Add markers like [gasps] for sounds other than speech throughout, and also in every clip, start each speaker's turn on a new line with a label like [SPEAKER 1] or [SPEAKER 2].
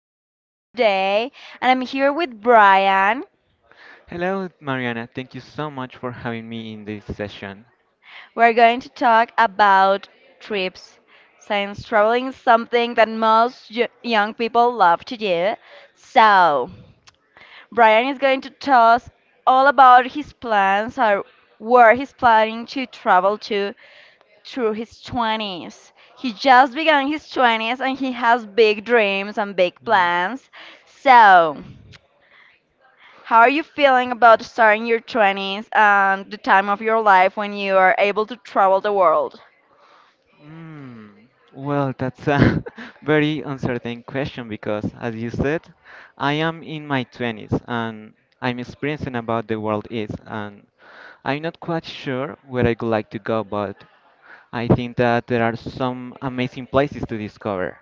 [SPEAKER 1] your host today, and I'm here with Brian.
[SPEAKER 2] Hello, Mariana. Thank you so much for having me in this session.
[SPEAKER 1] We're going to talk about trips, since traveling is something that most young people love to do. So, Brian is going to tell us all about his plans or where he's planning to travel to through his 20s. He just began his 20s and he has big dreams and big plans. So, how are you feeling about starting your 20s and the time of your life when you are able to travel the world?
[SPEAKER 2] Mm, well, that's a [laughs] very uncertain question because, as you said, I am in my 20s and I'm experiencing about the world is, and I'm not quite sure where I would like to go, but I think that there are some amazing places to discover.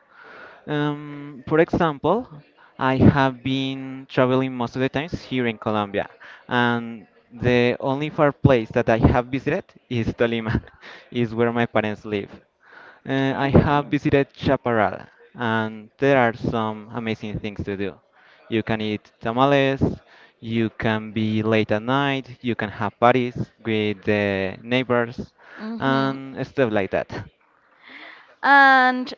[SPEAKER 2] For example, I have been traveling most of the times here in Colombia, and the only far place that I have visited is Tolima, [laughs] is where my parents live. I have
[SPEAKER 1] Okay.
[SPEAKER 2] visited Chaparral, and there are some amazing things to do. You can eat tamales, you can be late at night, you can have parties with the neighbors,
[SPEAKER 1] Hmm.
[SPEAKER 2] and stuff like that.
[SPEAKER 1] And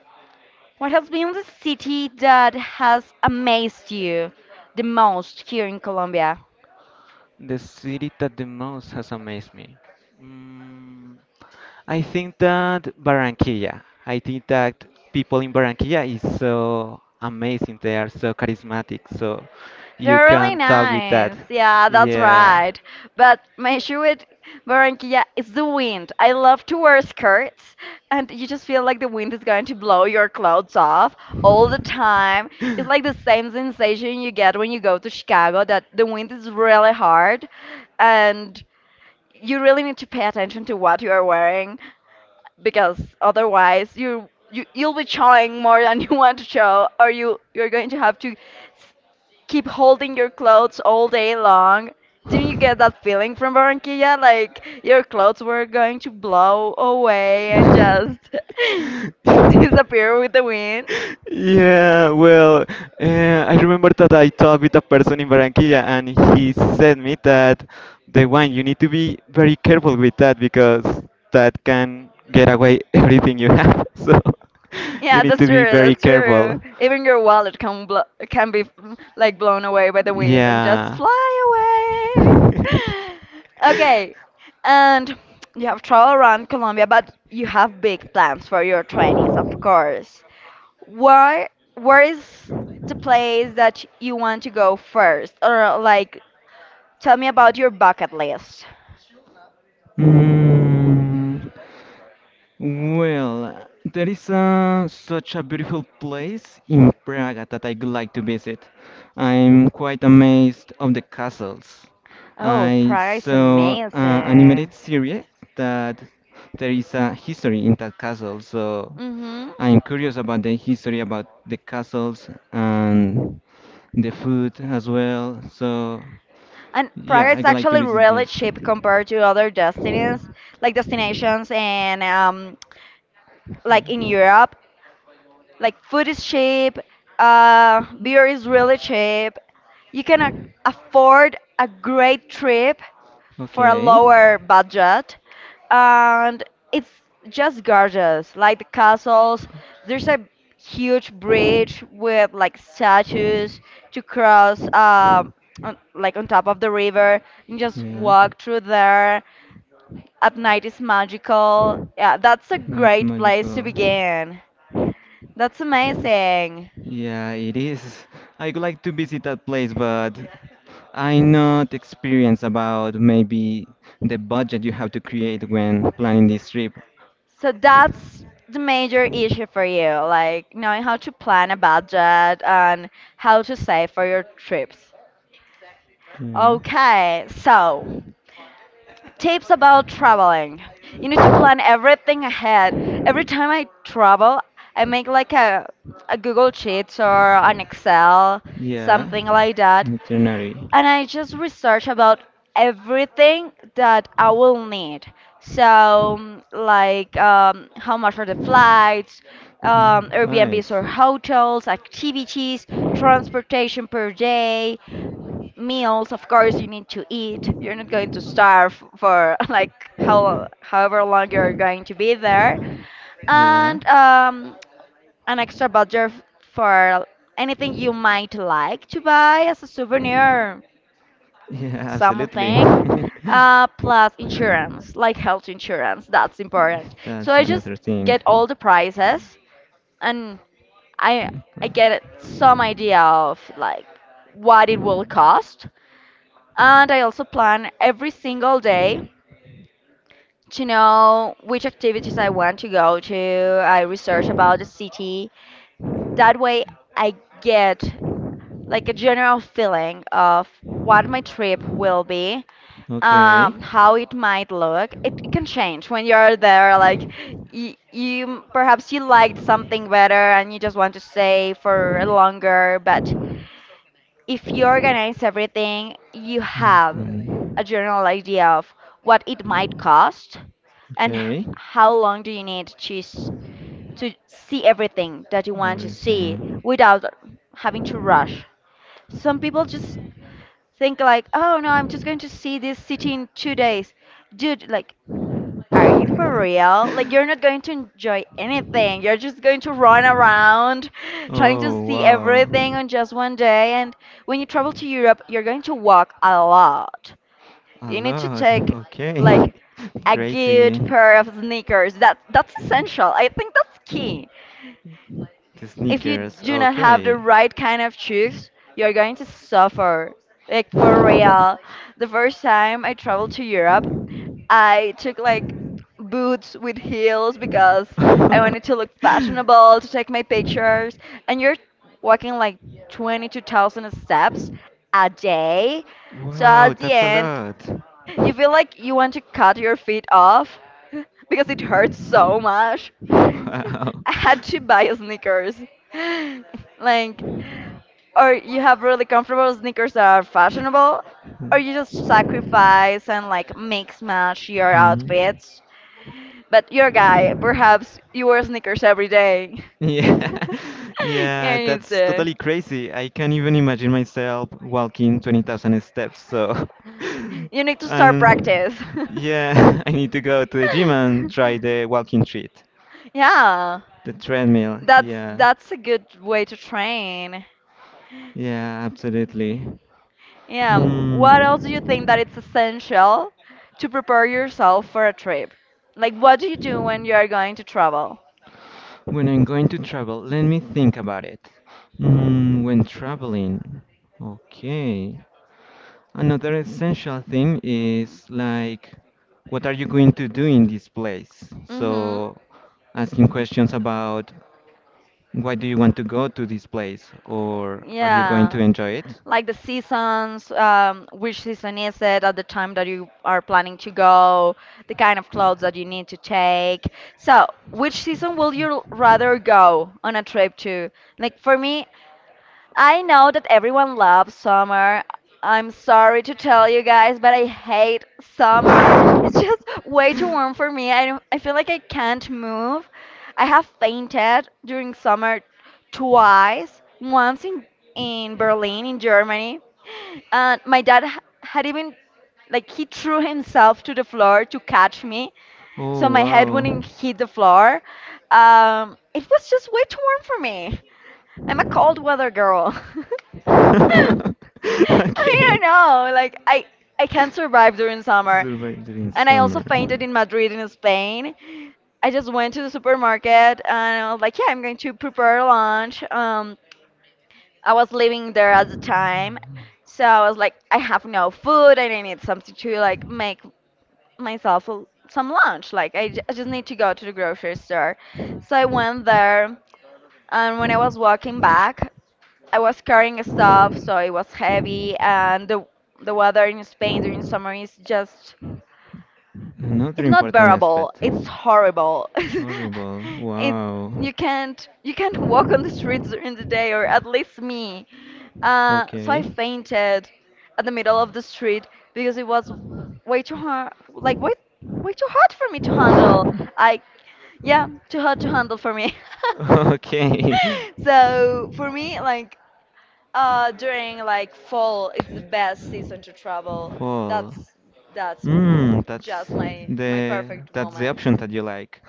[SPEAKER 1] what has been the city that has amazed you the most here in Colombia?
[SPEAKER 2] The city that the most has amazed me. Mm, I think that Barranquilla. I think that people in Barranquilla is so amazing. They are so charismatic. So you
[SPEAKER 1] They're really
[SPEAKER 2] can talk with that.
[SPEAKER 1] nice. Yeah, that's
[SPEAKER 2] Yeah.
[SPEAKER 1] right. But my issue with Barranquilla is the wind. I love to wear skirts, and you just feel like the wind is going to blow your clothes off all the time. It's like the same sensation you get when you go to Chicago, that the wind is really hard, and you really need to pay attention to what you are wearing because otherwise you'll be showing more than [laughs] you want to show, or you're going to have to keep holding your clothes all day long. Didn't you get that
[SPEAKER 2] [laughs]
[SPEAKER 1] feeling from Barranquilla? Like your clothes were going to blow away and just
[SPEAKER 2] [laughs]
[SPEAKER 1] [laughs] disappear with the wind?
[SPEAKER 2] Yeah, well, I remember that I talked with a person in Barranquilla and he said me that the wine, you need to be very careful with that because that can get away [laughs] everything you have. [laughs] So you
[SPEAKER 1] Yeah,
[SPEAKER 2] need to
[SPEAKER 1] that's
[SPEAKER 2] be
[SPEAKER 1] true.
[SPEAKER 2] very
[SPEAKER 1] That's true.
[SPEAKER 2] careful.
[SPEAKER 1] Even your wallet can blo can be like blown away by the wind and just
[SPEAKER 2] Yeah.
[SPEAKER 1] fly
[SPEAKER 2] [laughs]
[SPEAKER 1] away. Okay, and you have traveled around Colombia, but you have big plans for your 20s, of course. Where where is the place that you want to go first? Or like, tell me about your bucket list.
[SPEAKER 2] Mm. Well, there is such a beautiful place in Prague that I'd like to visit. I'm quite amazed of the castles.
[SPEAKER 1] Oh,
[SPEAKER 2] I
[SPEAKER 1] Prague is
[SPEAKER 2] saw an
[SPEAKER 1] amazing.
[SPEAKER 2] animated series that there is a history in that castle, so
[SPEAKER 1] Mm-hmm.
[SPEAKER 2] I'm curious about the history about the castles and the food as well. So
[SPEAKER 1] And
[SPEAKER 2] yeah,
[SPEAKER 1] Praga is
[SPEAKER 2] I'd like to
[SPEAKER 1] actually
[SPEAKER 2] visit
[SPEAKER 1] really
[SPEAKER 2] this.
[SPEAKER 1] cheap compared to other destinies, like destinations and like in Europe. Like food is cheap, beer is really cheap. You can afford a great trip for a
[SPEAKER 2] Okay.
[SPEAKER 1] lower budget, and it's just gorgeous. Like the castles, there's a huge bridge with like statues to cross, on, like on top of the river. You just
[SPEAKER 2] Yeah,
[SPEAKER 1] walk through there. At night is magical. Yeah, that's a
[SPEAKER 2] that's
[SPEAKER 1] great place to
[SPEAKER 2] magical.
[SPEAKER 1] begin. That's amazing.
[SPEAKER 2] Yeah, it is. I would like to visit that place, but I not experienced about maybe the budget you have to create when planning this trip.
[SPEAKER 1] So that's the major issue for you, like knowing how to plan a budget and how to save for your trips.
[SPEAKER 2] Yeah.
[SPEAKER 1] Okay, so tips about traveling. You need to plan everything ahead. Every time I travel, I make like a Google Sheets or an Excel,
[SPEAKER 2] Yeah,
[SPEAKER 1] something like that,
[SPEAKER 2] veterinary.
[SPEAKER 1] and I just research about everything that I
[SPEAKER 2] Mm,
[SPEAKER 1] will need. So, like, how much are the flights,
[SPEAKER 2] Right.
[SPEAKER 1] Airbnbs or hotels, activities, transportation per day, meals. Of course, you need to eat. You're not going to starve for [laughs] like however long you're going to be there,
[SPEAKER 2] Yeah.
[SPEAKER 1] and an extra budget for anything you might like to buy as a souvenir
[SPEAKER 2] Yeah, absolutely.
[SPEAKER 1] something
[SPEAKER 2] [laughs]
[SPEAKER 1] plus insurance, like health insurance. That's important. So
[SPEAKER 2] That's
[SPEAKER 1] I
[SPEAKER 2] another
[SPEAKER 1] just
[SPEAKER 2] thing.
[SPEAKER 1] get all the prices, and i I get some idea of like what it will cost. And I also plan every single day to know which activities I want to go to. I research about the city. That way I get like a general feeling of what my trip will be,
[SPEAKER 2] Okay.
[SPEAKER 1] how it might look. It can change when you're there. Like you perhaps you liked something better and you just want to stay for longer. But if you organize everything, you have a general idea of what it might
[SPEAKER 2] And
[SPEAKER 1] cost and how long do you need to to see everything that you want to see without having to rush. Some people just think like, oh no, I'm just going to see this city in 2 days. Dude, like, are you for
[SPEAKER 2] [laughs]
[SPEAKER 1] real? Like, you're not going to enjoy anything. You're just going to run around [laughs] trying to see everything on just one day. And when you travel to Europe, you're going to walk a lot.
[SPEAKER 2] a
[SPEAKER 1] You need to
[SPEAKER 2] lot.
[SPEAKER 1] take
[SPEAKER 2] Okay.
[SPEAKER 1] like
[SPEAKER 2] [laughs]
[SPEAKER 1] a
[SPEAKER 2] Crazy.
[SPEAKER 1] good pair of sneakers. That's essential. I think that's
[SPEAKER 2] The
[SPEAKER 1] key if you
[SPEAKER 2] sneakers.
[SPEAKER 1] do not have the
[SPEAKER 2] Okay.
[SPEAKER 1] right kind of shoes, you're going to suffer. Like for real. The
[SPEAKER 2] [laughs]
[SPEAKER 1] first time I traveled to Europe, I took like boots with heels because I wanted to look fashionable to take my pictures. And you're walking like 22,000 steps a day. So
[SPEAKER 2] Wow,
[SPEAKER 1] at the
[SPEAKER 2] that's a
[SPEAKER 1] end, you
[SPEAKER 2] lot.
[SPEAKER 1] feel like you want to cut your feet off [laughs] because it hurts so much. [laughs] I had to buy sneakers. [laughs] Like, or you have really comfortable sneakers that are fashionable, or you just sacrifice and like mix match
[SPEAKER 2] Wow.
[SPEAKER 1] your
[SPEAKER 2] Mhm.
[SPEAKER 1] outfits. But you're a guy, perhaps you wear sneakers every day.
[SPEAKER 2] Yeah,
[SPEAKER 1] [laughs]
[SPEAKER 2] [laughs]
[SPEAKER 1] [laughs] yeah,
[SPEAKER 2] yeah,
[SPEAKER 1] it's
[SPEAKER 2] that's totally crazy. I can't even imagine myself walking 20,000 steps, so.
[SPEAKER 1] you need
[SPEAKER 2] [laughs]
[SPEAKER 1] to start
[SPEAKER 2] And
[SPEAKER 1] practice. [laughs]
[SPEAKER 2] yeah, [laughs] I need to go to the gym and try the walking treat,
[SPEAKER 1] Yeah,
[SPEAKER 2] the treadmill. Yeah,
[SPEAKER 1] that's a good way to train.
[SPEAKER 2] yeah, absolutely.
[SPEAKER 1] Yeah. What else do you think that
[SPEAKER 2] Mm.
[SPEAKER 1] it's essential to prepare yourself for a trip? Like, what do you do when you are going to travel?
[SPEAKER 2] When I'm going to travel, let me think about it. When traveling, okay. Another essential thing is like, what are you going to do in this place?
[SPEAKER 1] Mm-hmm.
[SPEAKER 2] So, asking questions about why do you want to go to this place or are you going
[SPEAKER 1] Yeah.
[SPEAKER 2] to enjoy it?
[SPEAKER 1] Like the seasons, which season is it at the time that you are planning to go, the kind of clothes that you need to take. So, which season will you rather go on a trip to? Like for me, I know that everyone loves summer. I'm sorry to tell you guys, but I hate summer. It's just way too warm for me. I feel like I can't move. I have fainted during summer twice, once in Berlin, in Germany. And my dad had even, like, he threw himself to the floor to catch me so my head
[SPEAKER 2] Oh.
[SPEAKER 1] wouldn't hit the floor. It was just way too warm for me. I'm a cold weather
[SPEAKER 2] [laughs]
[SPEAKER 1] girl. [laughs]
[SPEAKER 2] [laughs] I
[SPEAKER 1] I
[SPEAKER 2] okay.
[SPEAKER 1] don't know. I can't survive during summer.
[SPEAKER 2] During
[SPEAKER 1] And I also
[SPEAKER 2] and
[SPEAKER 1] fainted in Madrid in Spain. I just went to the supermarket and I was like, yeah, I'm going to prepare lunch. I was living there at the time. So I was like, I have no food and I need something to like make myself some lunch. Like I just need to go to the grocery store. So I went there, and when I was walking back, I was carrying stuff, so it was heavy, and the weather in Spain during summer is just
[SPEAKER 2] my another
[SPEAKER 1] it's not bearable. It's horrible.
[SPEAKER 2] hard.
[SPEAKER 1] [laughs]
[SPEAKER 2] Horrible.
[SPEAKER 1] it
[SPEAKER 2] Wow.
[SPEAKER 1] you can't [laughs] walk on the streets during the day, or at least me. So
[SPEAKER 2] Okay.
[SPEAKER 1] I fainted at the middle of the street because it was way too hard,
[SPEAKER 2] [laughs]
[SPEAKER 1] like way too hot for me to handle. I yeah, too hot to handle for me. [laughs]
[SPEAKER 2] Okay.
[SPEAKER 1] So for me, like during like fall, it's the best season to travel.
[SPEAKER 2] Fall.
[SPEAKER 1] That's that's
[SPEAKER 2] Mm, that's
[SPEAKER 1] just my
[SPEAKER 2] the
[SPEAKER 1] perfect
[SPEAKER 2] that's the
[SPEAKER 1] moment.
[SPEAKER 2] option that you like.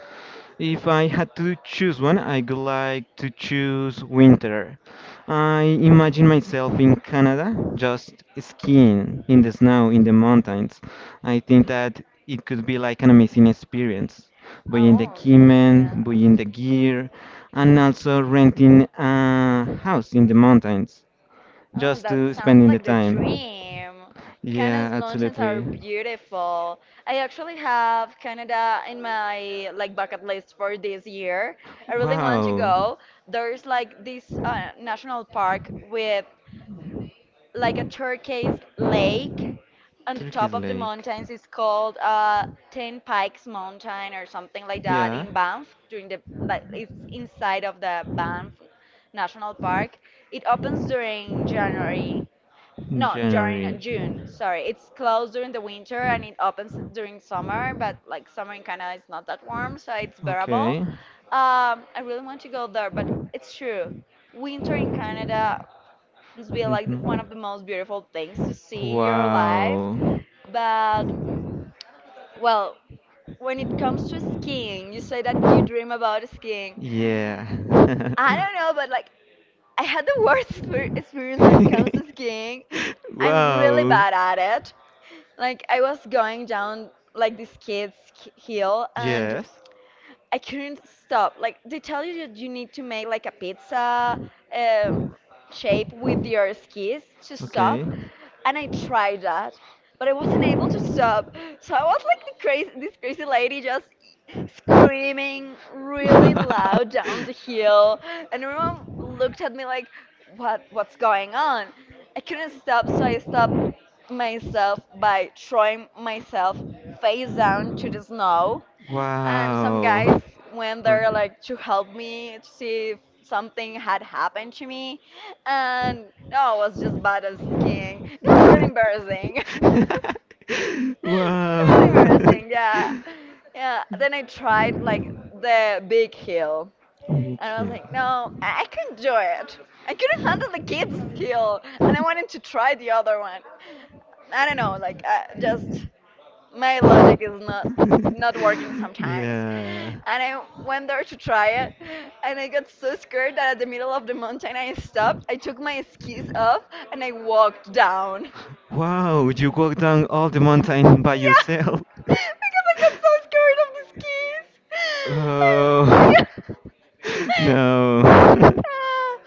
[SPEAKER 2] If I had to choose one, I would like to choose winter. I imagine myself in Canada, just skiing in the snow in the mountains. I think that it could be like an amazing experience, buying the
[SPEAKER 1] Oh,
[SPEAKER 2] equipment,
[SPEAKER 1] yeah.
[SPEAKER 2] buying the gear, and also renting a house in the mountains
[SPEAKER 1] Oh,
[SPEAKER 2] just
[SPEAKER 1] that
[SPEAKER 2] to
[SPEAKER 1] sounds
[SPEAKER 2] spending the
[SPEAKER 1] like the
[SPEAKER 2] time.
[SPEAKER 1] dream.
[SPEAKER 2] Yeah,
[SPEAKER 1] Canada's mountains are
[SPEAKER 2] absolutely.
[SPEAKER 1] beautiful. I actually have Canada in my like bucket list for this year. I really want to
[SPEAKER 2] Wow.
[SPEAKER 1] go. There's like this national park with like a turquoise lake on the top
[SPEAKER 2] Turkey's
[SPEAKER 1] of the
[SPEAKER 2] Lake.
[SPEAKER 1] mountains. It's called Ten Pikes Mountain or something like that
[SPEAKER 2] Yeah,
[SPEAKER 1] in Banff. During the Like it's inside of the Banff National Park. It opens during January.
[SPEAKER 2] in
[SPEAKER 1] No, during
[SPEAKER 2] January.
[SPEAKER 1] June. Sorry, it's closed during the winter and it opens during summer. But like summer in Canada is not that warm, so it's bearable.
[SPEAKER 2] Okay.
[SPEAKER 1] I really want to go there, but it's true. Winter in Canada, it's be like one
[SPEAKER 2] We
[SPEAKER 1] of the most beautiful things to see in your life.
[SPEAKER 2] wow.
[SPEAKER 1] But well, when it comes to skiing, you say that you dream about skiing.
[SPEAKER 2] Yeah. [laughs]
[SPEAKER 1] I don't know, but like I had the [laughs] worst experience when it comes
[SPEAKER 2] [laughs]
[SPEAKER 1] to skiing. I'm really
[SPEAKER 2] Wow.
[SPEAKER 1] bad at it. Like I was going down like this kid's hill and
[SPEAKER 2] Yes.
[SPEAKER 1] I couldn't stop. Like they tell you that you need to make like a pizza um shape with your skis to stop,
[SPEAKER 2] Okay.
[SPEAKER 1] and I tried that, but I wasn't able to stop. So I was like this crazy lady just screaming really loud down the hill, and everyone looked at me like,
[SPEAKER 2] [laughs]
[SPEAKER 1] what's going on? I couldn't stop, so I stopped myself by throwing myself face down to the snow. And some guys
[SPEAKER 2] Wow.
[SPEAKER 1] went
[SPEAKER 2] Or-
[SPEAKER 1] there
[SPEAKER 2] [laughs]
[SPEAKER 1] like to help me to see if something had happened to me. And no, I was just bad at skiing. It was really embarrassing. [laughs] Really
[SPEAKER 2] wow. [laughs]
[SPEAKER 1] embarrassing, yeah. Yeah. Then I tried like the big hill.
[SPEAKER 2] Me
[SPEAKER 1] And I
[SPEAKER 2] too.
[SPEAKER 1] was like, no, I couldn't do it. I couldn't handle the kids skill, and I wanted to try the other one. I don't know, like just my logic is not working
[SPEAKER 2] [laughs]
[SPEAKER 1] sometimes.
[SPEAKER 2] yeah.
[SPEAKER 1] And I went there to try it, and I got so scared that at the middle of the mountain I stopped. I took my skis off and I walked down. Yeah, [laughs]
[SPEAKER 2] Wow, you walk down all the mountain by yourself. [laughs]
[SPEAKER 1] because I got so scared of the skis. [laughs]
[SPEAKER 2] Oh,
[SPEAKER 1] Yeah.
[SPEAKER 2] [laughs] no.
[SPEAKER 1] Uh,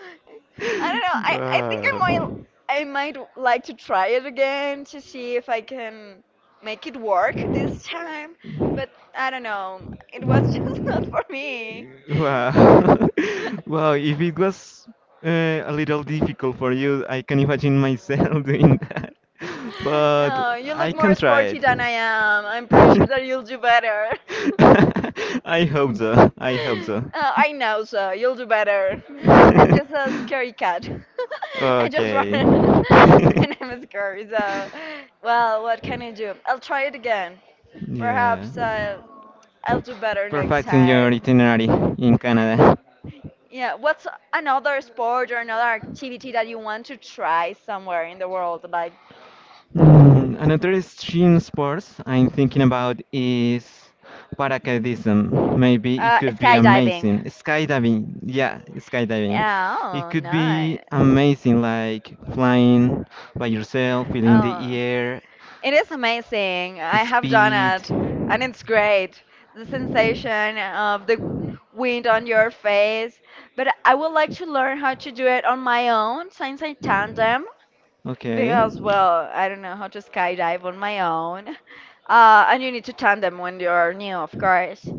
[SPEAKER 1] I don't know.
[SPEAKER 2] [laughs]
[SPEAKER 1] I think
[SPEAKER 2] Wow.
[SPEAKER 1] I might like to try it again to see if I can make it work this time. But I don't know. It was [laughs] just not for me. [laughs]
[SPEAKER 2] Wow. [laughs] Wow, if it was uh, a little difficult for you, I can imagine myself [laughs] doing that. But
[SPEAKER 1] Oh, you
[SPEAKER 2] I
[SPEAKER 1] look
[SPEAKER 2] can
[SPEAKER 1] more
[SPEAKER 2] try it.
[SPEAKER 1] sporty than I am. I'm
[SPEAKER 2] [laughs]
[SPEAKER 1] pretty sure that you'll do better. [laughs]
[SPEAKER 2] I hope so. I hope
[SPEAKER 1] [laughs]
[SPEAKER 2] so. [laughs]
[SPEAKER 1] I know, sir. You'll do better. I'm just a scary cat. [laughs] I just run
[SPEAKER 2] Okay.
[SPEAKER 1] [laughs] when
[SPEAKER 2] [laughs]
[SPEAKER 1] I'm scared. So, well, what can I do? I'll try it again.
[SPEAKER 2] Yeah.
[SPEAKER 1] Perhaps I'll do better next
[SPEAKER 2] Perfecting your
[SPEAKER 1] time.
[SPEAKER 2] itinerary in Canada.
[SPEAKER 1] Yeah, what's another sport or another activity that you want to try somewhere in the world? Like,
[SPEAKER 2] Another extreme sports I'm thinking about is paracaidism. Maybe it could be
[SPEAKER 1] skydiving.
[SPEAKER 2] amazing. Skydiving, yeah, skydiving.
[SPEAKER 1] Yeah,
[SPEAKER 2] It
[SPEAKER 1] oh,
[SPEAKER 2] could be
[SPEAKER 1] nice.
[SPEAKER 2] amazing, like flying by yourself, feeling the
[SPEAKER 1] Oh,
[SPEAKER 2] air.
[SPEAKER 1] it is amazing. I have done
[SPEAKER 2] Speed.
[SPEAKER 1] it, and it's great. The sensation of the wind on your face. But I would like to learn how to do it on my own since I tandem.
[SPEAKER 2] Okay.
[SPEAKER 1] Because, well, I don't know how to skydive on my own. And you need to tandem when you're new, of course.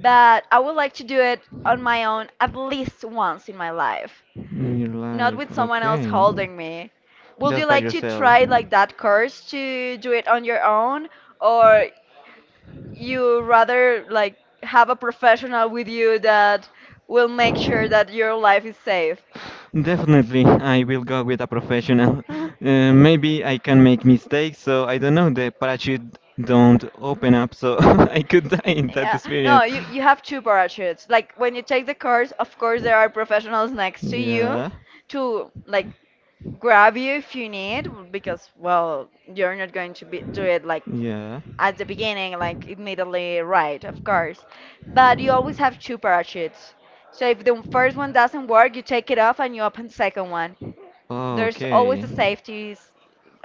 [SPEAKER 1] But I would like to do it on my own at least once in my life
[SPEAKER 2] In your
[SPEAKER 1] not
[SPEAKER 2] life,
[SPEAKER 1] with someone else
[SPEAKER 2] okay.
[SPEAKER 1] holding me. Would you
[SPEAKER 2] Just by
[SPEAKER 1] like to
[SPEAKER 2] yourself.
[SPEAKER 1] try like that course to do it on your own, or you rather like have a professional with you that will make sure that your life is safe?
[SPEAKER 2] Definitely, I will go with a professional.
[SPEAKER 1] [laughs]
[SPEAKER 2] Maybe I can make mistakes, so I don't know. The parachute don't open up, so [laughs] I could die in that
[SPEAKER 1] Yeah, no,
[SPEAKER 2] experience.
[SPEAKER 1] you have two parachutes. Like when you take the course, of course there are professionals next to you
[SPEAKER 2] Yeah.
[SPEAKER 1] to like grab you if you need because well, you're not going to be do it like
[SPEAKER 2] Yeah.
[SPEAKER 1] at the beginning, like immediately right, of course. But you always have two parachutes. So if the first one doesn't work, you take it off and you open the second one.
[SPEAKER 2] Oh,
[SPEAKER 1] There's always a
[SPEAKER 2] okay.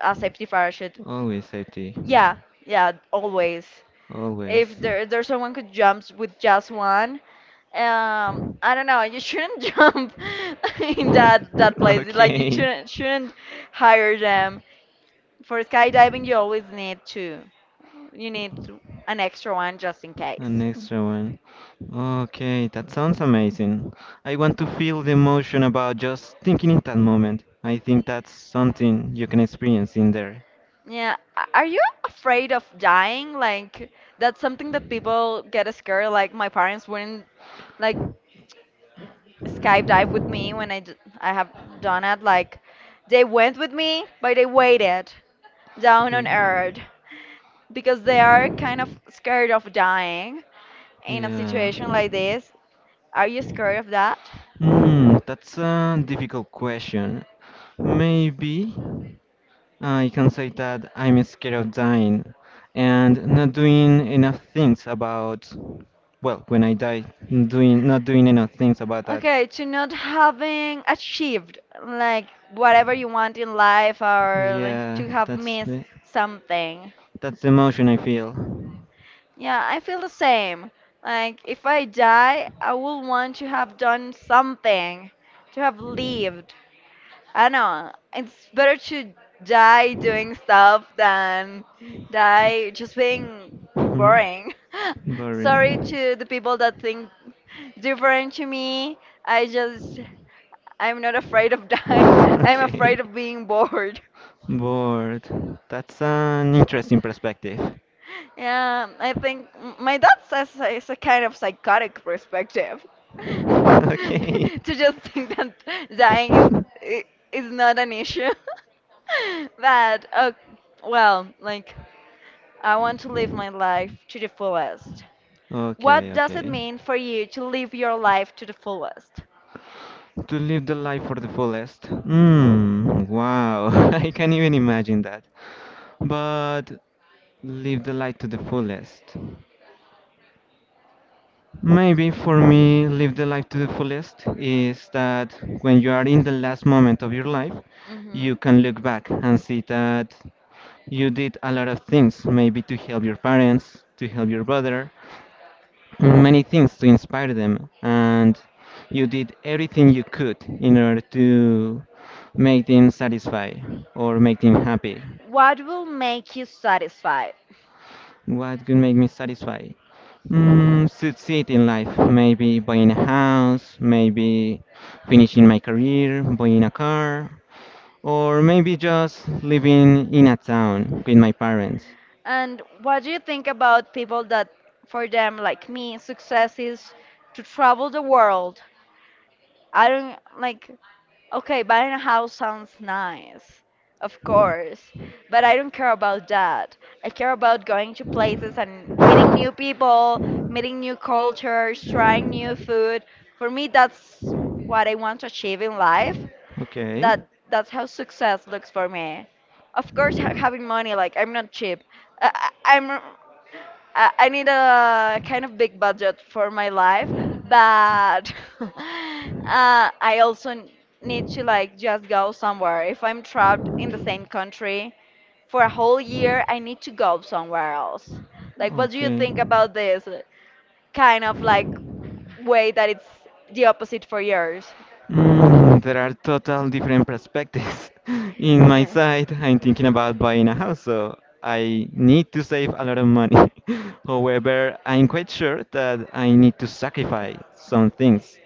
[SPEAKER 1] a safety parachute.
[SPEAKER 2] Always safety.
[SPEAKER 1] Yeah, yeah, always. If
[SPEAKER 2] Always.
[SPEAKER 1] there's someone who jumps with just one, I don't know. You shouldn't [laughs] jump
[SPEAKER 2] [laughs]
[SPEAKER 1] in that
[SPEAKER 2] [laughs]
[SPEAKER 1] place. Like you
[SPEAKER 2] Okay,
[SPEAKER 1] shouldn't hire them for skydiving, you always need to, you need to, an extra one just in
[SPEAKER 2] an
[SPEAKER 1] case.
[SPEAKER 2] extra one. Okay, that sounds amazing. I want to feel the emotion about just thinking in that moment. I think that's something you can experience in there.
[SPEAKER 1] Yeah, are you afraid of dying? Like that's something that people get scared. Like my parents wouldn't like skydive with me when I have done it. Like they went with me, but they waited down on earth
[SPEAKER 2] Y-
[SPEAKER 1] because they are kind of scared of dying
[SPEAKER 2] in a
[SPEAKER 1] in a situation like
[SPEAKER 2] Yeah.
[SPEAKER 1] this. Are you scared of that?
[SPEAKER 2] Hmm, that's a difficult question. Maybe. I can say that I'm scared of dying and not doing enough things about, well, when I die, doing not doing enough things about that.
[SPEAKER 1] Okay, to not having achieved like whatever you want in life or like,
[SPEAKER 2] Yeah,
[SPEAKER 1] to have
[SPEAKER 2] that's
[SPEAKER 1] missed
[SPEAKER 2] the
[SPEAKER 1] something.
[SPEAKER 2] that's the emotion I feel.
[SPEAKER 1] Yeah, I feel the same. Like if I die, I will want to have done something, to have lived. I don't know. It's better to die doing stuff than die just being
[SPEAKER 2] Mhm.
[SPEAKER 1] boring. [laughs] Sorry
[SPEAKER 2] Boring.
[SPEAKER 1] to the people that think different to me. I just I'm not afraid of dying. [laughs]
[SPEAKER 2] [laughs]
[SPEAKER 1] I'm
[SPEAKER 2] Okay.
[SPEAKER 1] afraid of being bored. [laughs]
[SPEAKER 2] Bored. That's an interesting perspective. [laughs]
[SPEAKER 1] Yeah, I think my dad says it's a kind of psychotic perspective [laughs]
[SPEAKER 2] Okay.
[SPEAKER 1] to just think that dying is i- is not an issue. [laughs] But well, like I want to live my life to the fullest.
[SPEAKER 2] Okay,
[SPEAKER 1] What does it
[SPEAKER 2] okay.
[SPEAKER 1] mean for you to live your life to the fullest?
[SPEAKER 2] To live the life for the fullest. Hmm, wow. [laughs] I can't even imagine that. But live the life to the fullest. Maybe for me, live the life to the fullest is that when you are in the last moment of your life, you
[SPEAKER 1] Hmm.
[SPEAKER 2] can look back and see that you did a lot of things, maybe to help your parents, to help your brother, many things to inspire them, and you did everything you could in order to make them satisfied or make them happy.
[SPEAKER 1] What will make you satisfied?
[SPEAKER 2] What could make me satisfied? Succeed in life, maybe buying a house, maybe finishing my career, buying a car, or maybe just living in a town with my parents.
[SPEAKER 1] And what do you think about people that, for them, like me, success is to travel the world? I don't like, okay, buying a house sounds nice, of course, but I don't care about that. I care about going to places and meeting new people, meeting new cultures, trying new food. For me, that's what I want to achieve in life.
[SPEAKER 2] Okay.
[SPEAKER 1] That's how success looks for me. Of course, [laughs] having money, like I'm not cheap. I, I- I'm I need a kind of big budget for my life, but [laughs] uh, I also need to like just go somewhere. If I'm trapped in the same country for a whole year, I need to go somewhere else. Like, what do you
[SPEAKER 2] Okay.
[SPEAKER 1] think about this kind of like way that it's the opposite for yours?
[SPEAKER 2] There are total different perspectives. [laughs] In my
[SPEAKER 1] Yeah.
[SPEAKER 2] side, I'm thinking about buying a house, so I need to save a lot of money. [laughs] However, I'm quite sure that I need to sacrifice some things.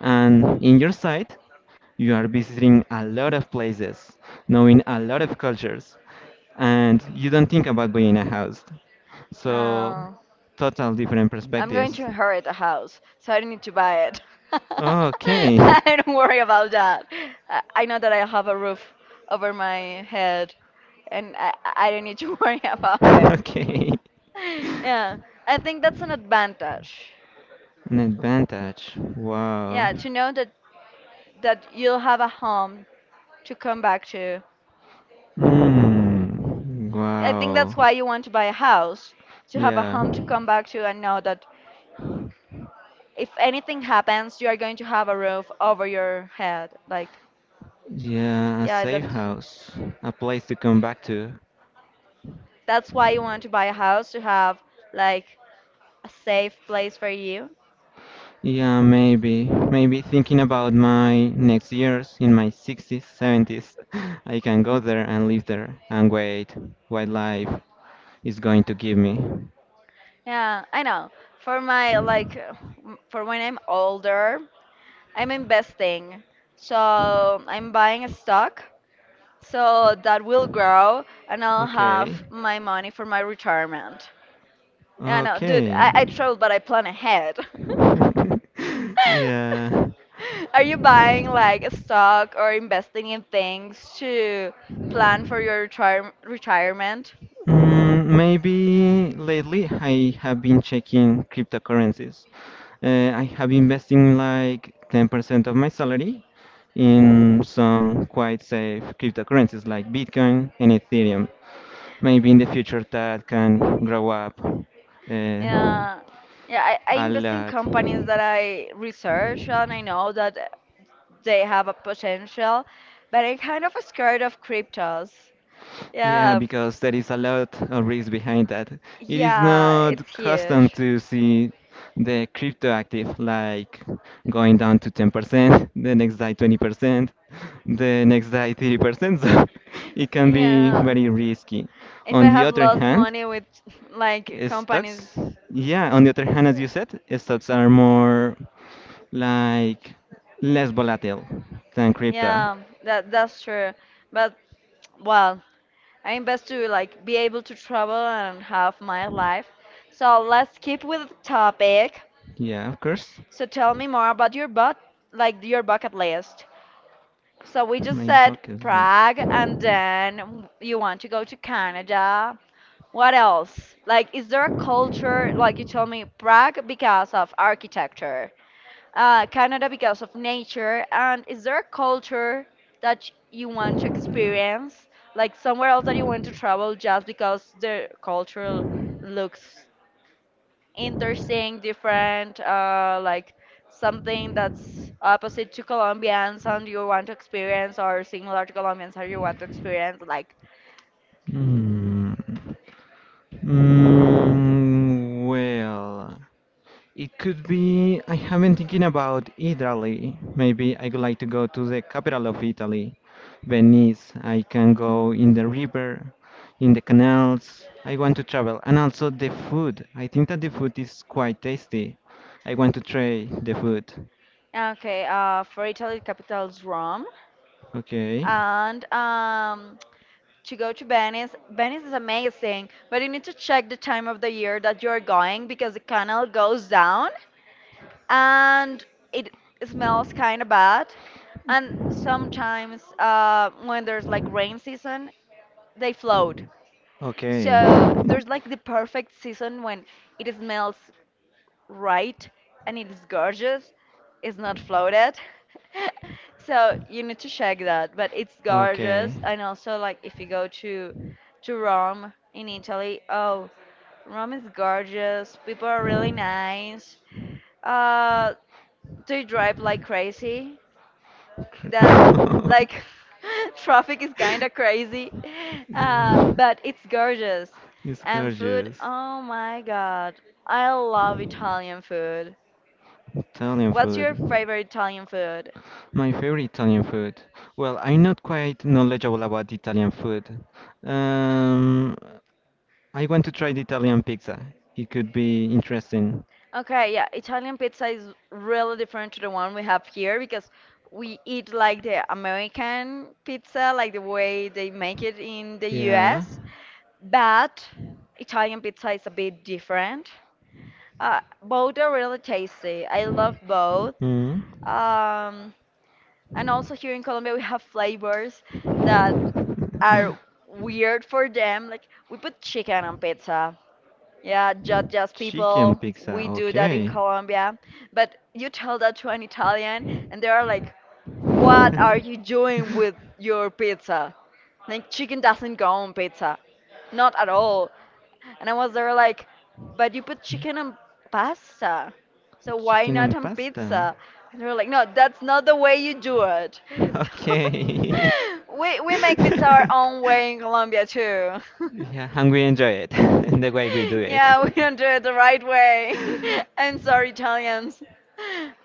[SPEAKER 2] And in your side, you are visiting a lot of places, knowing a lot of cultures, and you don't think about buying a house. So,
[SPEAKER 1] No.
[SPEAKER 2] total different
[SPEAKER 1] I'm going
[SPEAKER 2] perspectives.
[SPEAKER 1] to inherit a house, so I don't need to buy it. [laughs]
[SPEAKER 2] Oh, okay.
[SPEAKER 1] I
[SPEAKER 2] [laughs]
[SPEAKER 1] don't worry about that. I know that I have a roof over my head, and I don't need to [laughs] worry about it.
[SPEAKER 2] Okay.
[SPEAKER 1] [laughs] Yeah, I think that's an advantage.
[SPEAKER 2] An advantage. Wow.
[SPEAKER 1] Yeah, to know that you'll have a home to come back to.
[SPEAKER 2] Hmm.
[SPEAKER 1] I think
[SPEAKER 2] Wow.
[SPEAKER 1] that's why you want to buy a house, to have a
[SPEAKER 2] Yeah.
[SPEAKER 1] home to come back to and know that if anything happens, you are going to have a roof over your head. Like,
[SPEAKER 2] Yeah, a
[SPEAKER 1] yeah,
[SPEAKER 2] safe
[SPEAKER 1] that.
[SPEAKER 2] house. A place to come back to.
[SPEAKER 1] That's why you want to buy a house to have like a safe place for you.
[SPEAKER 2] Yeah, maybe. Maybe thinking about my next years in my 60s, 70s, [laughs] I can go there and live there and wait what life is going to give me.
[SPEAKER 1] Yeah, I know. For my like for when I'm older, I'm investing. So I'm buying a stock so that will grow and I'll
[SPEAKER 2] Okay.
[SPEAKER 1] have my money for my retirement. Yeah, no, dude,
[SPEAKER 2] Okay.
[SPEAKER 1] I travel but I plan ahead. [laughs]
[SPEAKER 2] [laughs] Yeah.
[SPEAKER 1] Are you buying like a stock or investing in things to plan for your retirement?
[SPEAKER 2] Maybe lately I have been checking cryptocurrencies. I have been investing like 10% of my salary in some quite safe cryptocurrencies like Bitcoin and Ethereum. Maybe in the future that can grow up
[SPEAKER 1] Yeah, yeah. I
[SPEAKER 2] a
[SPEAKER 1] invest in
[SPEAKER 2] lot.
[SPEAKER 1] companies that I research and I know that they have a potential, but I'm kind of scared of cryptos.
[SPEAKER 2] Yeah,
[SPEAKER 1] Yeah,
[SPEAKER 2] because there is a lot of risk behind that. It is
[SPEAKER 1] yeah,
[SPEAKER 2] not
[SPEAKER 1] it's
[SPEAKER 2] custom
[SPEAKER 1] huge.
[SPEAKER 2] to see the crypto active like going down to 10%, the next day 20%, the next day 30%. [laughs] So it can be
[SPEAKER 1] Yeah,
[SPEAKER 2] very risky.
[SPEAKER 1] if I
[SPEAKER 2] On the
[SPEAKER 1] have
[SPEAKER 2] other
[SPEAKER 1] lost
[SPEAKER 2] hand,
[SPEAKER 1] money with [laughs] like companies,
[SPEAKER 2] stocks, yeah, on the other hand, as you said, stocks are more like less volatile than crypto.
[SPEAKER 1] yeah, that's true. But well, I'm best to like be able to travel and have my life. So let's keep with the topic.
[SPEAKER 2] Yeah, of course.
[SPEAKER 1] So tell me more about your but like your bucket list. So we just
[SPEAKER 2] My
[SPEAKER 1] said
[SPEAKER 2] bucket
[SPEAKER 1] Prague
[SPEAKER 2] list.
[SPEAKER 1] and then you want to go to Canada. What else? Like is there a culture like you told me Prague because of architecture? Canada because of nature? And is there a culture that you want to experience, like somewhere else that you want to travel just because the culture looks interesting, different, like something that's opposite to Colombians and you want to experience, or similar to Colombians and you want to experience? Like,
[SPEAKER 2] Hmm. Well, it could be. I have been thinking about Italy. Maybe I would like to go to the capital of Italy, Venice. I can go in the river, in the canals. I want to travel. And also the food. I think that the food is quite tasty. I want to try the food.
[SPEAKER 1] okay, for Italy, the capital is Rome,
[SPEAKER 2] Okay.
[SPEAKER 1] and. To go to Venice. Venice is amazing, but you need to check the time of the year that you're going because the canal goes down and it smells kind of bad. And sometimes when there's like rain season, they float.
[SPEAKER 2] Okay.
[SPEAKER 1] So there's like the
[SPEAKER 2] [laughs]
[SPEAKER 1] perfect season when it smells right and it is gorgeous, it's not floated. [laughs] So you need to check that, but it's gorgeous. And also like if you go to Rome in Italy, oh, Rome is gorgeous, people are really
[SPEAKER 2] Okay.
[SPEAKER 1] nice, uh they drive like crazy.
[SPEAKER 2] [laughs]
[SPEAKER 1] That's like [laughs] traffic is kind of crazy. [laughs] But it's gorgeous.
[SPEAKER 2] It's
[SPEAKER 1] And food,
[SPEAKER 2] gorgeous.
[SPEAKER 1] oh my god, I love Italian food.
[SPEAKER 2] Italian
[SPEAKER 1] What's
[SPEAKER 2] food.
[SPEAKER 1] your favorite Italian food?
[SPEAKER 2] My favorite Italian food. Well, I'm not quite knowledgeable about Italian food. Um, I want to try the Italian pizza. It could be interesting.
[SPEAKER 1] Okay, yeah, Italian pizza is really different to the one we have here because we eat like the American pizza, like the way they make it in the US. But Italian pizza is a bit different. Both are really tasty. I love both.
[SPEAKER 2] Mm.
[SPEAKER 1] Um, and also here in Colombia, we have flavors that are weird for them. Like we put chicken on pizza. Yeah,
[SPEAKER 2] Yeah,
[SPEAKER 1] judge us people. We do that in
[SPEAKER 2] [laughs]
[SPEAKER 1] Colombia. But you tell that to an Italian, and they are like, "What are you doing with your pizza? Like, chicken doesn't go on pizza. Not at all." And I was there like, "But you put chicken on pasta. So why not on pizza?" And they were like, "No, that's not the way you do it."
[SPEAKER 2] okay.
[SPEAKER 1] [laughs] We make pizza our
[SPEAKER 2] [laughs]
[SPEAKER 1] own way in Colombia, too. [laughs]
[SPEAKER 2] yeah, and we enjoy it [laughs] in the way we do
[SPEAKER 1] [laughs]
[SPEAKER 2] it.
[SPEAKER 1] Yeah, we don't do it the right way. [laughs] I'm sorry, Italians.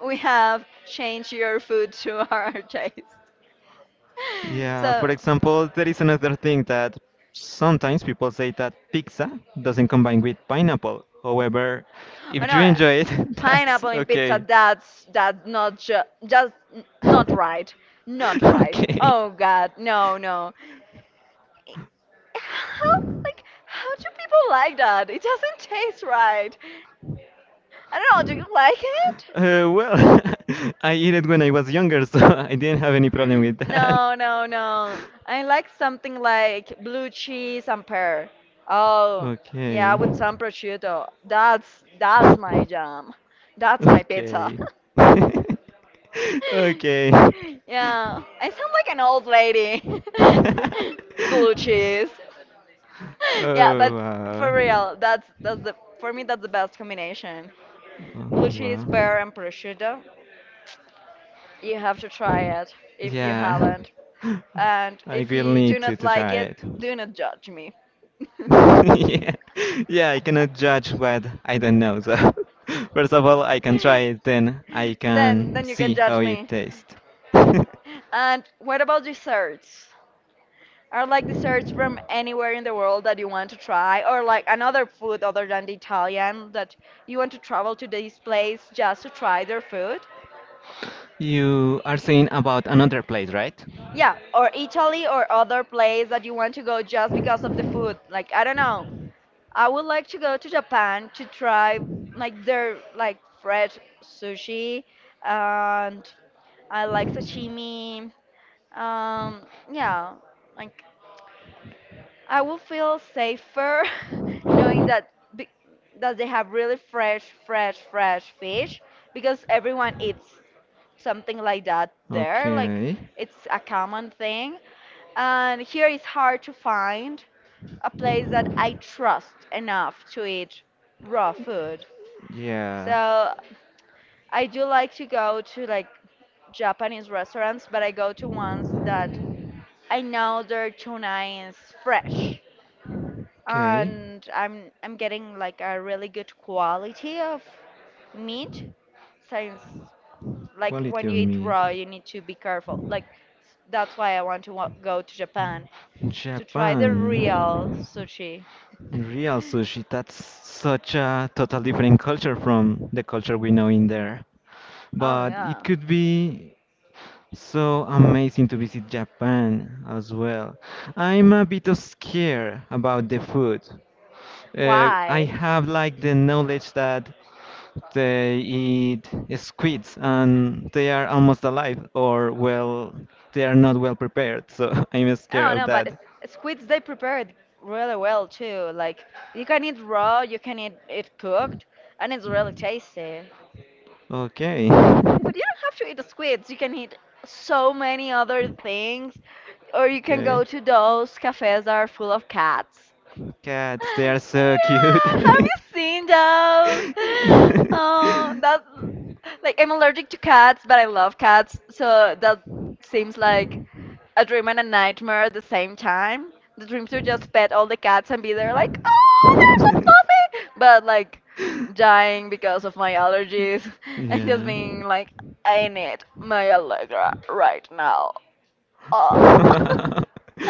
[SPEAKER 1] We have changed your food to our [laughs] taste.
[SPEAKER 2] Yeah, for
[SPEAKER 1] So,
[SPEAKER 2] example, there is another thing that sometimes people say that pizza doesn't combine with pineapple. However,
[SPEAKER 1] oh
[SPEAKER 2] if you
[SPEAKER 1] no,
[SPEAKER 2] enjoy it, [laughs] that's
[SPEAKER 1] pineapple in pizza,
[SPEAKER 2] okay.
[SPEAKER 1] that's not ju just not right. Not
[SPEAKER 2] [laughs]
[SPEAKER 1] right.
[SPEAKER 2] okay.
[SPEAKER 1] Oh God, no, no. I- How like how do people like that? It doesn't taste right. I don't know, do you like it?
[SPEAKER 2] Well, [laughs] I eat it when I was younger, so [laughs] I didn't have any problem with that.
[SPEAKER 1] No, no, no. I like something like blue cheese and pear. Oh,
[SPEAKER 2] Okay.
[SPEAKER 1] yeah, with some prosciutto. That's my jam. That's my pizza.
[SPEAKER 2] Okay. [laughs]
[SPEAKER 1] [laughs]
[SPEAKER 2] Okay. [laughs]
[SPEAKER 1] Yeah, I sound like an old lady. [laughs] Blue cheese. [laughs] Yeah,
[SPEAKER 2] Oh,
[SPEAKER 1] but for
[SPEAKER 2] wow.
[SPEAKER 1] real, that's the for me that's the best combination.
[SPEAKER 2] Oh,
[SPEAKER 1] Blue cheese,
[SPEAKER 2] wow.
[SPEAKER 1] pear, and prosciutto. You have to try it if you
[SPEAKER 2] Yeah.
[SPEAKER 1] haven't. And
[SPEAKER 2] [laughs] I
[SPEAKER 1] if
[SPEAKER 2] will
[SPEAKER 1] you do
[SPEAKER 2] need
[SPEAKER 1] not
[SPEAKER 2] to
[SPEAKER 1] like
[SPEAKER 2] try
[SPEAKER 1] it,
[SPEAKER 2] it.
[SPEAKER 1] do not judge me.
[SPEAKER 2] [laughs] yeah. Yeah, I cannot judge what I don't know. So, [laughs] first of all, I can try it, then I
[SPEAKER 1] [laughs]
[SPEAKER 2] can
[SPEAKER 1] Then you can
[SPEAKER 2] see
[SPEAKER 1] judge
[SPEAKER 2] how it
[SPEAKER 1] me.
[SPEAKER 2] tastes. [laughs]
[SPEAKER 1] And what about desserts? Are like desserts from anywhere in the world that you want to try, or like another food other than the Italian that you want to travel to this place just to try their food?
[SPEAKER 2] You are saying about another place, right?
[SPEAKER 1] Yeah, or Italy or other place that you want to go just because of the food. Like I don't know, I would like to go to Japan to try like their like fresh sushi and I like sashimi. Um, yeah, like I will feel safer [laughs] knowing that that they have really fresh fish because everyone eats something like that there.
[SPEAKER 2] Okay.
[SPEAKER 1] It's a common thing, and here it's hard to find a place that I trust enough to eat raw food.
[SPEAKER 2] Yeah.
[SPEAKER 1] So I do like to go to like Japanese restaurants, but I go to ones that I know their tuna is fresh and I'm getting like a really good quality of meat since like when you eat raw you need to be careful that's why I want to go to
[SPEAKER 2] Find
[SPEAKER 1] Japan
[SPEAKER 2] a
[SPEAKER 1] to try the
[SPEAKER 2] Japan.
[SPEAKER 1] real sushi.
[SPEAKER 2] Real sushi.
[SPEAKER 1] [laughs]
[SPEAKER 2] Real sushi. That's such a total different culture from the culture we know in there.
[SPEAKER 1] Oh
[SPEAKER 2] But it
[SPEAKER 1] yeah.
[SPEAKER 2] could be so amazing to visit Japan as well. I'm a bit of scared about the food. I
[SPEAKER 1] Why?
[SPEAKER 2] have like the knowledge that they eat squids and they are almost alive, or well, they are not well prepared. So [laughs] I'm scared
[SPEAKER 1] Oh
[SPEAKER 2] of
[SPEAKER 1] no, but
[SPEAKER 2] that.
[SPEAKER 1] squids, they prepare it really well too. Like you can eat raw, you can eat it cooked, and it's really tasty.
[SPEAKER 2] Okay.
[SPEAKER 1] But you don't have to eat the squids. You can eat
[SPEAKER 2] [laughs]
[SPEAKER 1] so many other things, or you can
[SPEAKER 2] Okay.
[SPEAKER 1] go to those cafes that are full of cats.
[SPEAKER 2] Cats. They
[SPEAKER 1] [laughs]
[SPEAKER 2] are so cute.
[SPEAKER 1] Yeah, have you seen those? [laughs] Oh, that like I'm allergic to cats, but I love cats, so that seems like a dream and a nightmare at the same time. The dreams to just pet all the cats and be there like, oh, they're so
[SPEAKER 2] [laughs]
[SPEAKER 1] fluffy, but like dying because of my allergies, [laughs] and just
[SPEAKER 2] Yeah.
[SPEAKER 1] being like, I need my Allegra right now.
[SPEAKER 2] [laughs]
[SPEAKER 1] Ah.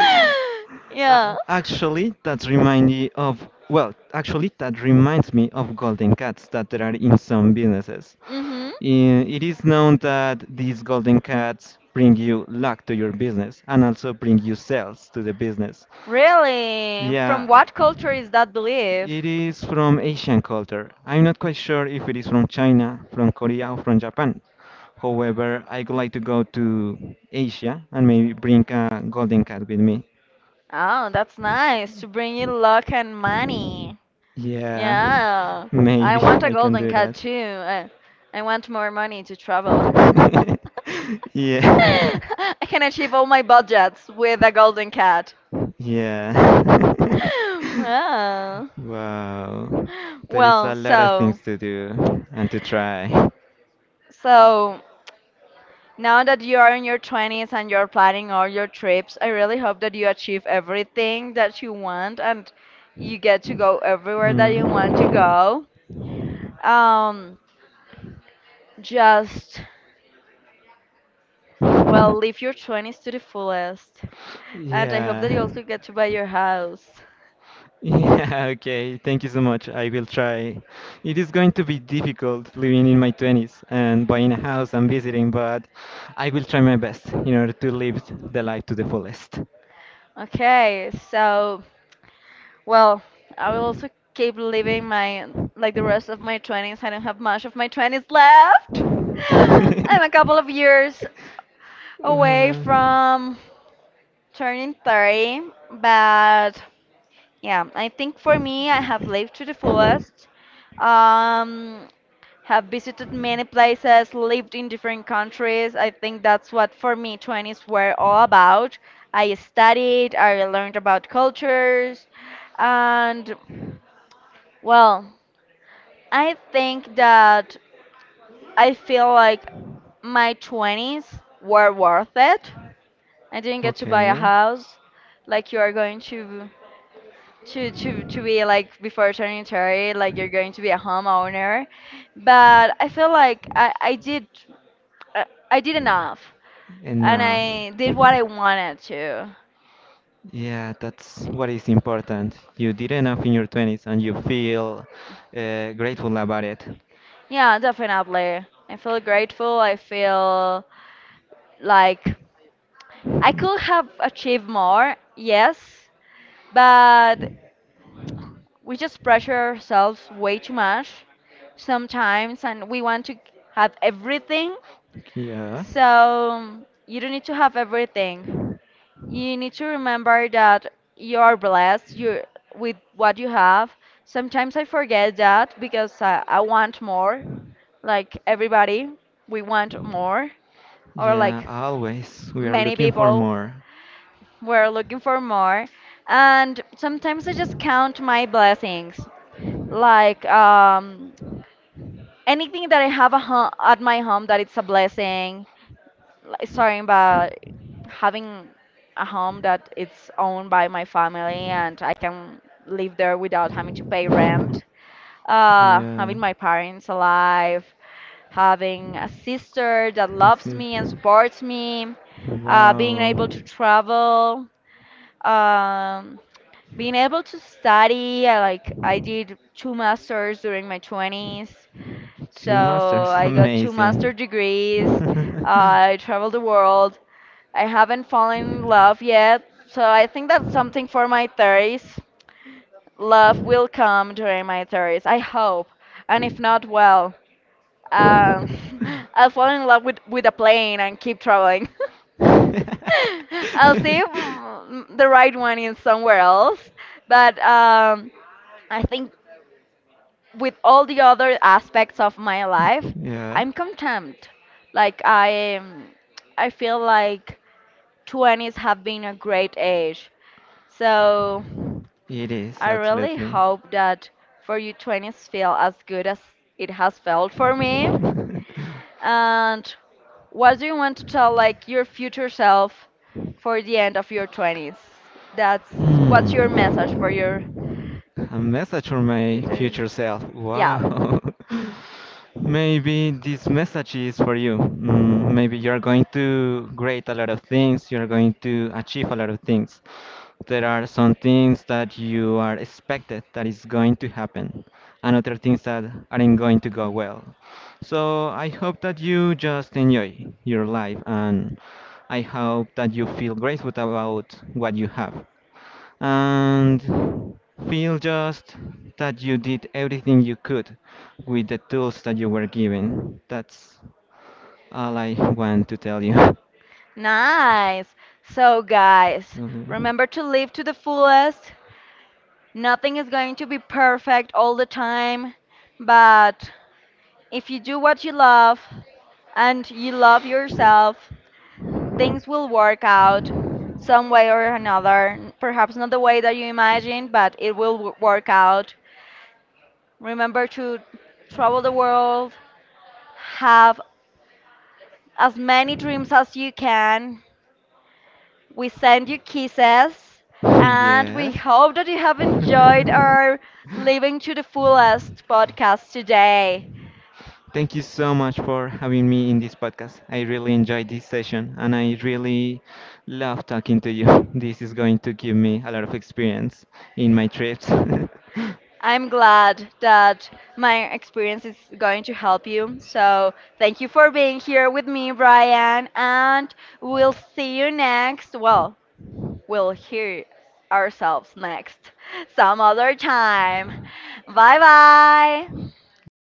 [SPEAKER 1] [laughs] Yeah.
[SPEAKER 2] A- actually, that reminds me of well, actually that reminds me of golden cats that there are in some businesses.
[SPEAKER 1] Mhm.
[SPEAKER 2] I- it is known that these golden cats bring you luck to your business and also bring you sales to the business.
[SPEAKER 1] Really? From
[SPEAKER 2] Yeah.
[SPEAKER 1] what culture is that belief?
[SPEAKER 2] It is from Asian culture. I'm not quite sure if it is from China, from Korea, or from Japan. However, I would like to go to Asia and maybe bring a golden cat with me.
[SPEAKER 1] Oh, that's nice to bring you luck and money.
[SPEAKER 2] Yeah,
[SPEAKER 1] Yeah,
[SPEAKER 2] [laughs]
[SPEAKER 1] I
[SPEAKER 2] maybe
[SPEAKER 1] want a
[SPEAKER 2] I can
[SPEAKER 1] golden
[SPEAKER 2] do
[SPEAKER 1] cat
[SPEAKER 2] that.
[SPEAKER 1] too. I want more money to travel. [laughs]
[SPEAKER 2] [laughs]
[SPEAKER 1] [laughs]
[SPEAKER 2] Yeah. [laughs]
[SPEAKER 1] I can achieve all my budgets with a golden cat.
[SPEAKER 2] Yeah.
[SPEAKER 1] [laughs]
[SPEAKER 2] [laughs]
[SPEAKER 1] Wow.
[SPEAKER 2] Wow. There is
[SPEAKER 1] Well,
[SPEAKER 2] a lot of
[SPEAKER 1] so
[SPEAKER 2] things to do and to try.
[SPEAKER 1] so now that you are in your 20s and you're planning all your trips, I really hope that you achieve everything that you want and you get to go everywhere that you want to
[SPEAKER 2] Mm.
[SPEAKER 1] go. Um, just well, live
[SPEAKER 2] [laughs]
[SPEAKER 1] your 20s to the fullest. And I hope
[SPEAKER 2] Yeah.
[SPEAKER 1] that you also get to buy your house.
[SPEAKER 2] Yeah, [laughs] okay. Thank you so much. I will try. It is going to be difficult living in my 20s and buying a house and visiting, but I will try my best in order to live the life to the fullest.
[SPEAKER 1] Okay, so, well, I will also keep living like the rest of
[SPEAKER 2] [laughs]
[SPEAKER 1] my 20s. I don't have much of my 20s left. [gasps] [laughs] I'm a couple of years away
[SPEAKER 2] Uh,
[SPEAKER 1] from turning 30, but yeah, I think for me, I have lived to the fullest. Um, have visited many places, lived in different countries. I think that's what for me 20s were all about. I studied, I learned about cultures, and well, I think that I feel like my 20s were worth it. I didn't get to buy a
[SPEAKER 2] okay.
[SPEAKER 1] house like you are going to be like before turning 30. Like you're going to be a homeowner, but I feel like I did uh, I did enough, and
[SPEAKER 2] Enough.
[SPEAKER 1] I did what I wanted to.
[SPEAKER 2] Yeah, that's what is important. You did enough in your 20s and you feel grateful about it.
[SPEAKER 1] Yeah, definitely. I feel grateful. I feel like I could have achieved more, yes, but we just pressure ourselves way too much sometimes, and we want to have everything.
[SPEAKER 2] Yeah.
[SPEAKER 1] So you don't need to have everything. You need to remember that you are blessed with what you have. Sometimes I forget that because I want more. Like everybody, we want more. Or
[SPEAKER 2] Yeah,
[SPEAKER 1] like
[SPEAKER 2] always. We are
[SPEAKER 1] many
[SPEAKER 2] looking for
[SPEAKER 1] people,
[SPEAKER 2] more.
[SPEAKER 1] we're looking for more. And sometimes I just count my blessings. Like anything that I have at my home that it's a blessing. Like starting by having a home that it's owned by my family and I can live there without having to pay
[SPEAKER 2] [laughs]
[SPEAKER 1] rent.
[SPEAKER 2] yeah.
[SPEAKER 1] Having my parents alive, having a sister that
[SPEAKER 2] I
[SPEAKER 1] loves
[SPEAKER 2] see.
[SPEAKER 1] me and supports me, being able to
[SPEAKER 2] Wow.
[SPEAKER 1] travel, um, being able to study. Like I did two masters during my 20s, so
[SPEAKER 2] Two masters,
[SPEAKER 1] I got two master
[SPEAKER 2] amazing. [laughs]
[SPEAKER 1] degrees. I traveled the world. I haven't fallen in love yet, so I think that's something for my 30s. Love will come during my 30s, I hope. And if not, well, um, [laughs] I'll fall in love with a plane and keep traveling. [laughs] I'll see if the right one is somewhere else. But I think with all the other aspects of my life,
[SPEAKER 2] Yeah,
[SPEAKER 1] I'm content. Like I, um, I feel like 20s have been a great age. So
[SPEAKER 2] it is,
[SPEAKER 1] I really
[SPEAKER 2] absolutely.
[SPEAKER 1] hope that for you 20s feel as good as it has felt for me. And what do you want to tell like your future self for
[SPEAKER 2] [laughs]
[SPEAKER 1] the end of your 20s? That's what's your
[SPEAKER 2] Hmm.
[SPEAKER 1] message for your
[SPEAKER 2] A message from my
[SPEAKER 1] future?
[SPEAKER 2] future self.
[SPEAKER 1] Yeah.
[SPEAKER 2] Wow. [laughs] Maybe this message is for you. Maybe you're going to create a lot of things, you're going to achieve a lot of things. There are some things that you are expected that is going to happen, and other things that aren't going to go well. So I hope that you just enjoy your life and I hope that you feel grateful about what you have and feel just that you did everything you could with the tools that you were given. That's all I want to tell you. [laughs]
[SPEAKER 1] Nice. So guys,
[SPEAKER 2] So,
[SPEAKER 1] remember to live to the fullest. Nothing is going to be perfect all the time, but if you do what you love and you love yourself, things will work out some way or another. Perhaps not the way that you imagine, but it will work out. Remember to travel the world, have as many dreams as you can. We send you kisses, and we
[SPEAKER 2] yeah.
[SPEAKER 1] hope that you have enjoyed
[SPEAKER 2] [laughs]
[SPEAKER 1] our Living to the Fullest podcast
[SPEAKER 2] yes.
[SPEAKER 1] today.
[SPEAKER 2] [laughs] Thank you so much for having me in this podcast. I really enjoyed this session and I really love talking to you. [laughs] This is going to give me a lot of experience in my trips.
[SPEAKER 1] I'm glad that my experience is going to help you. So, thank you for being here with me, Brian, and we'll see you next. Well, we'll hear ourselves next [laughs] some other time. Bye bye.
[SPEAKER 2] [laughs] Bye.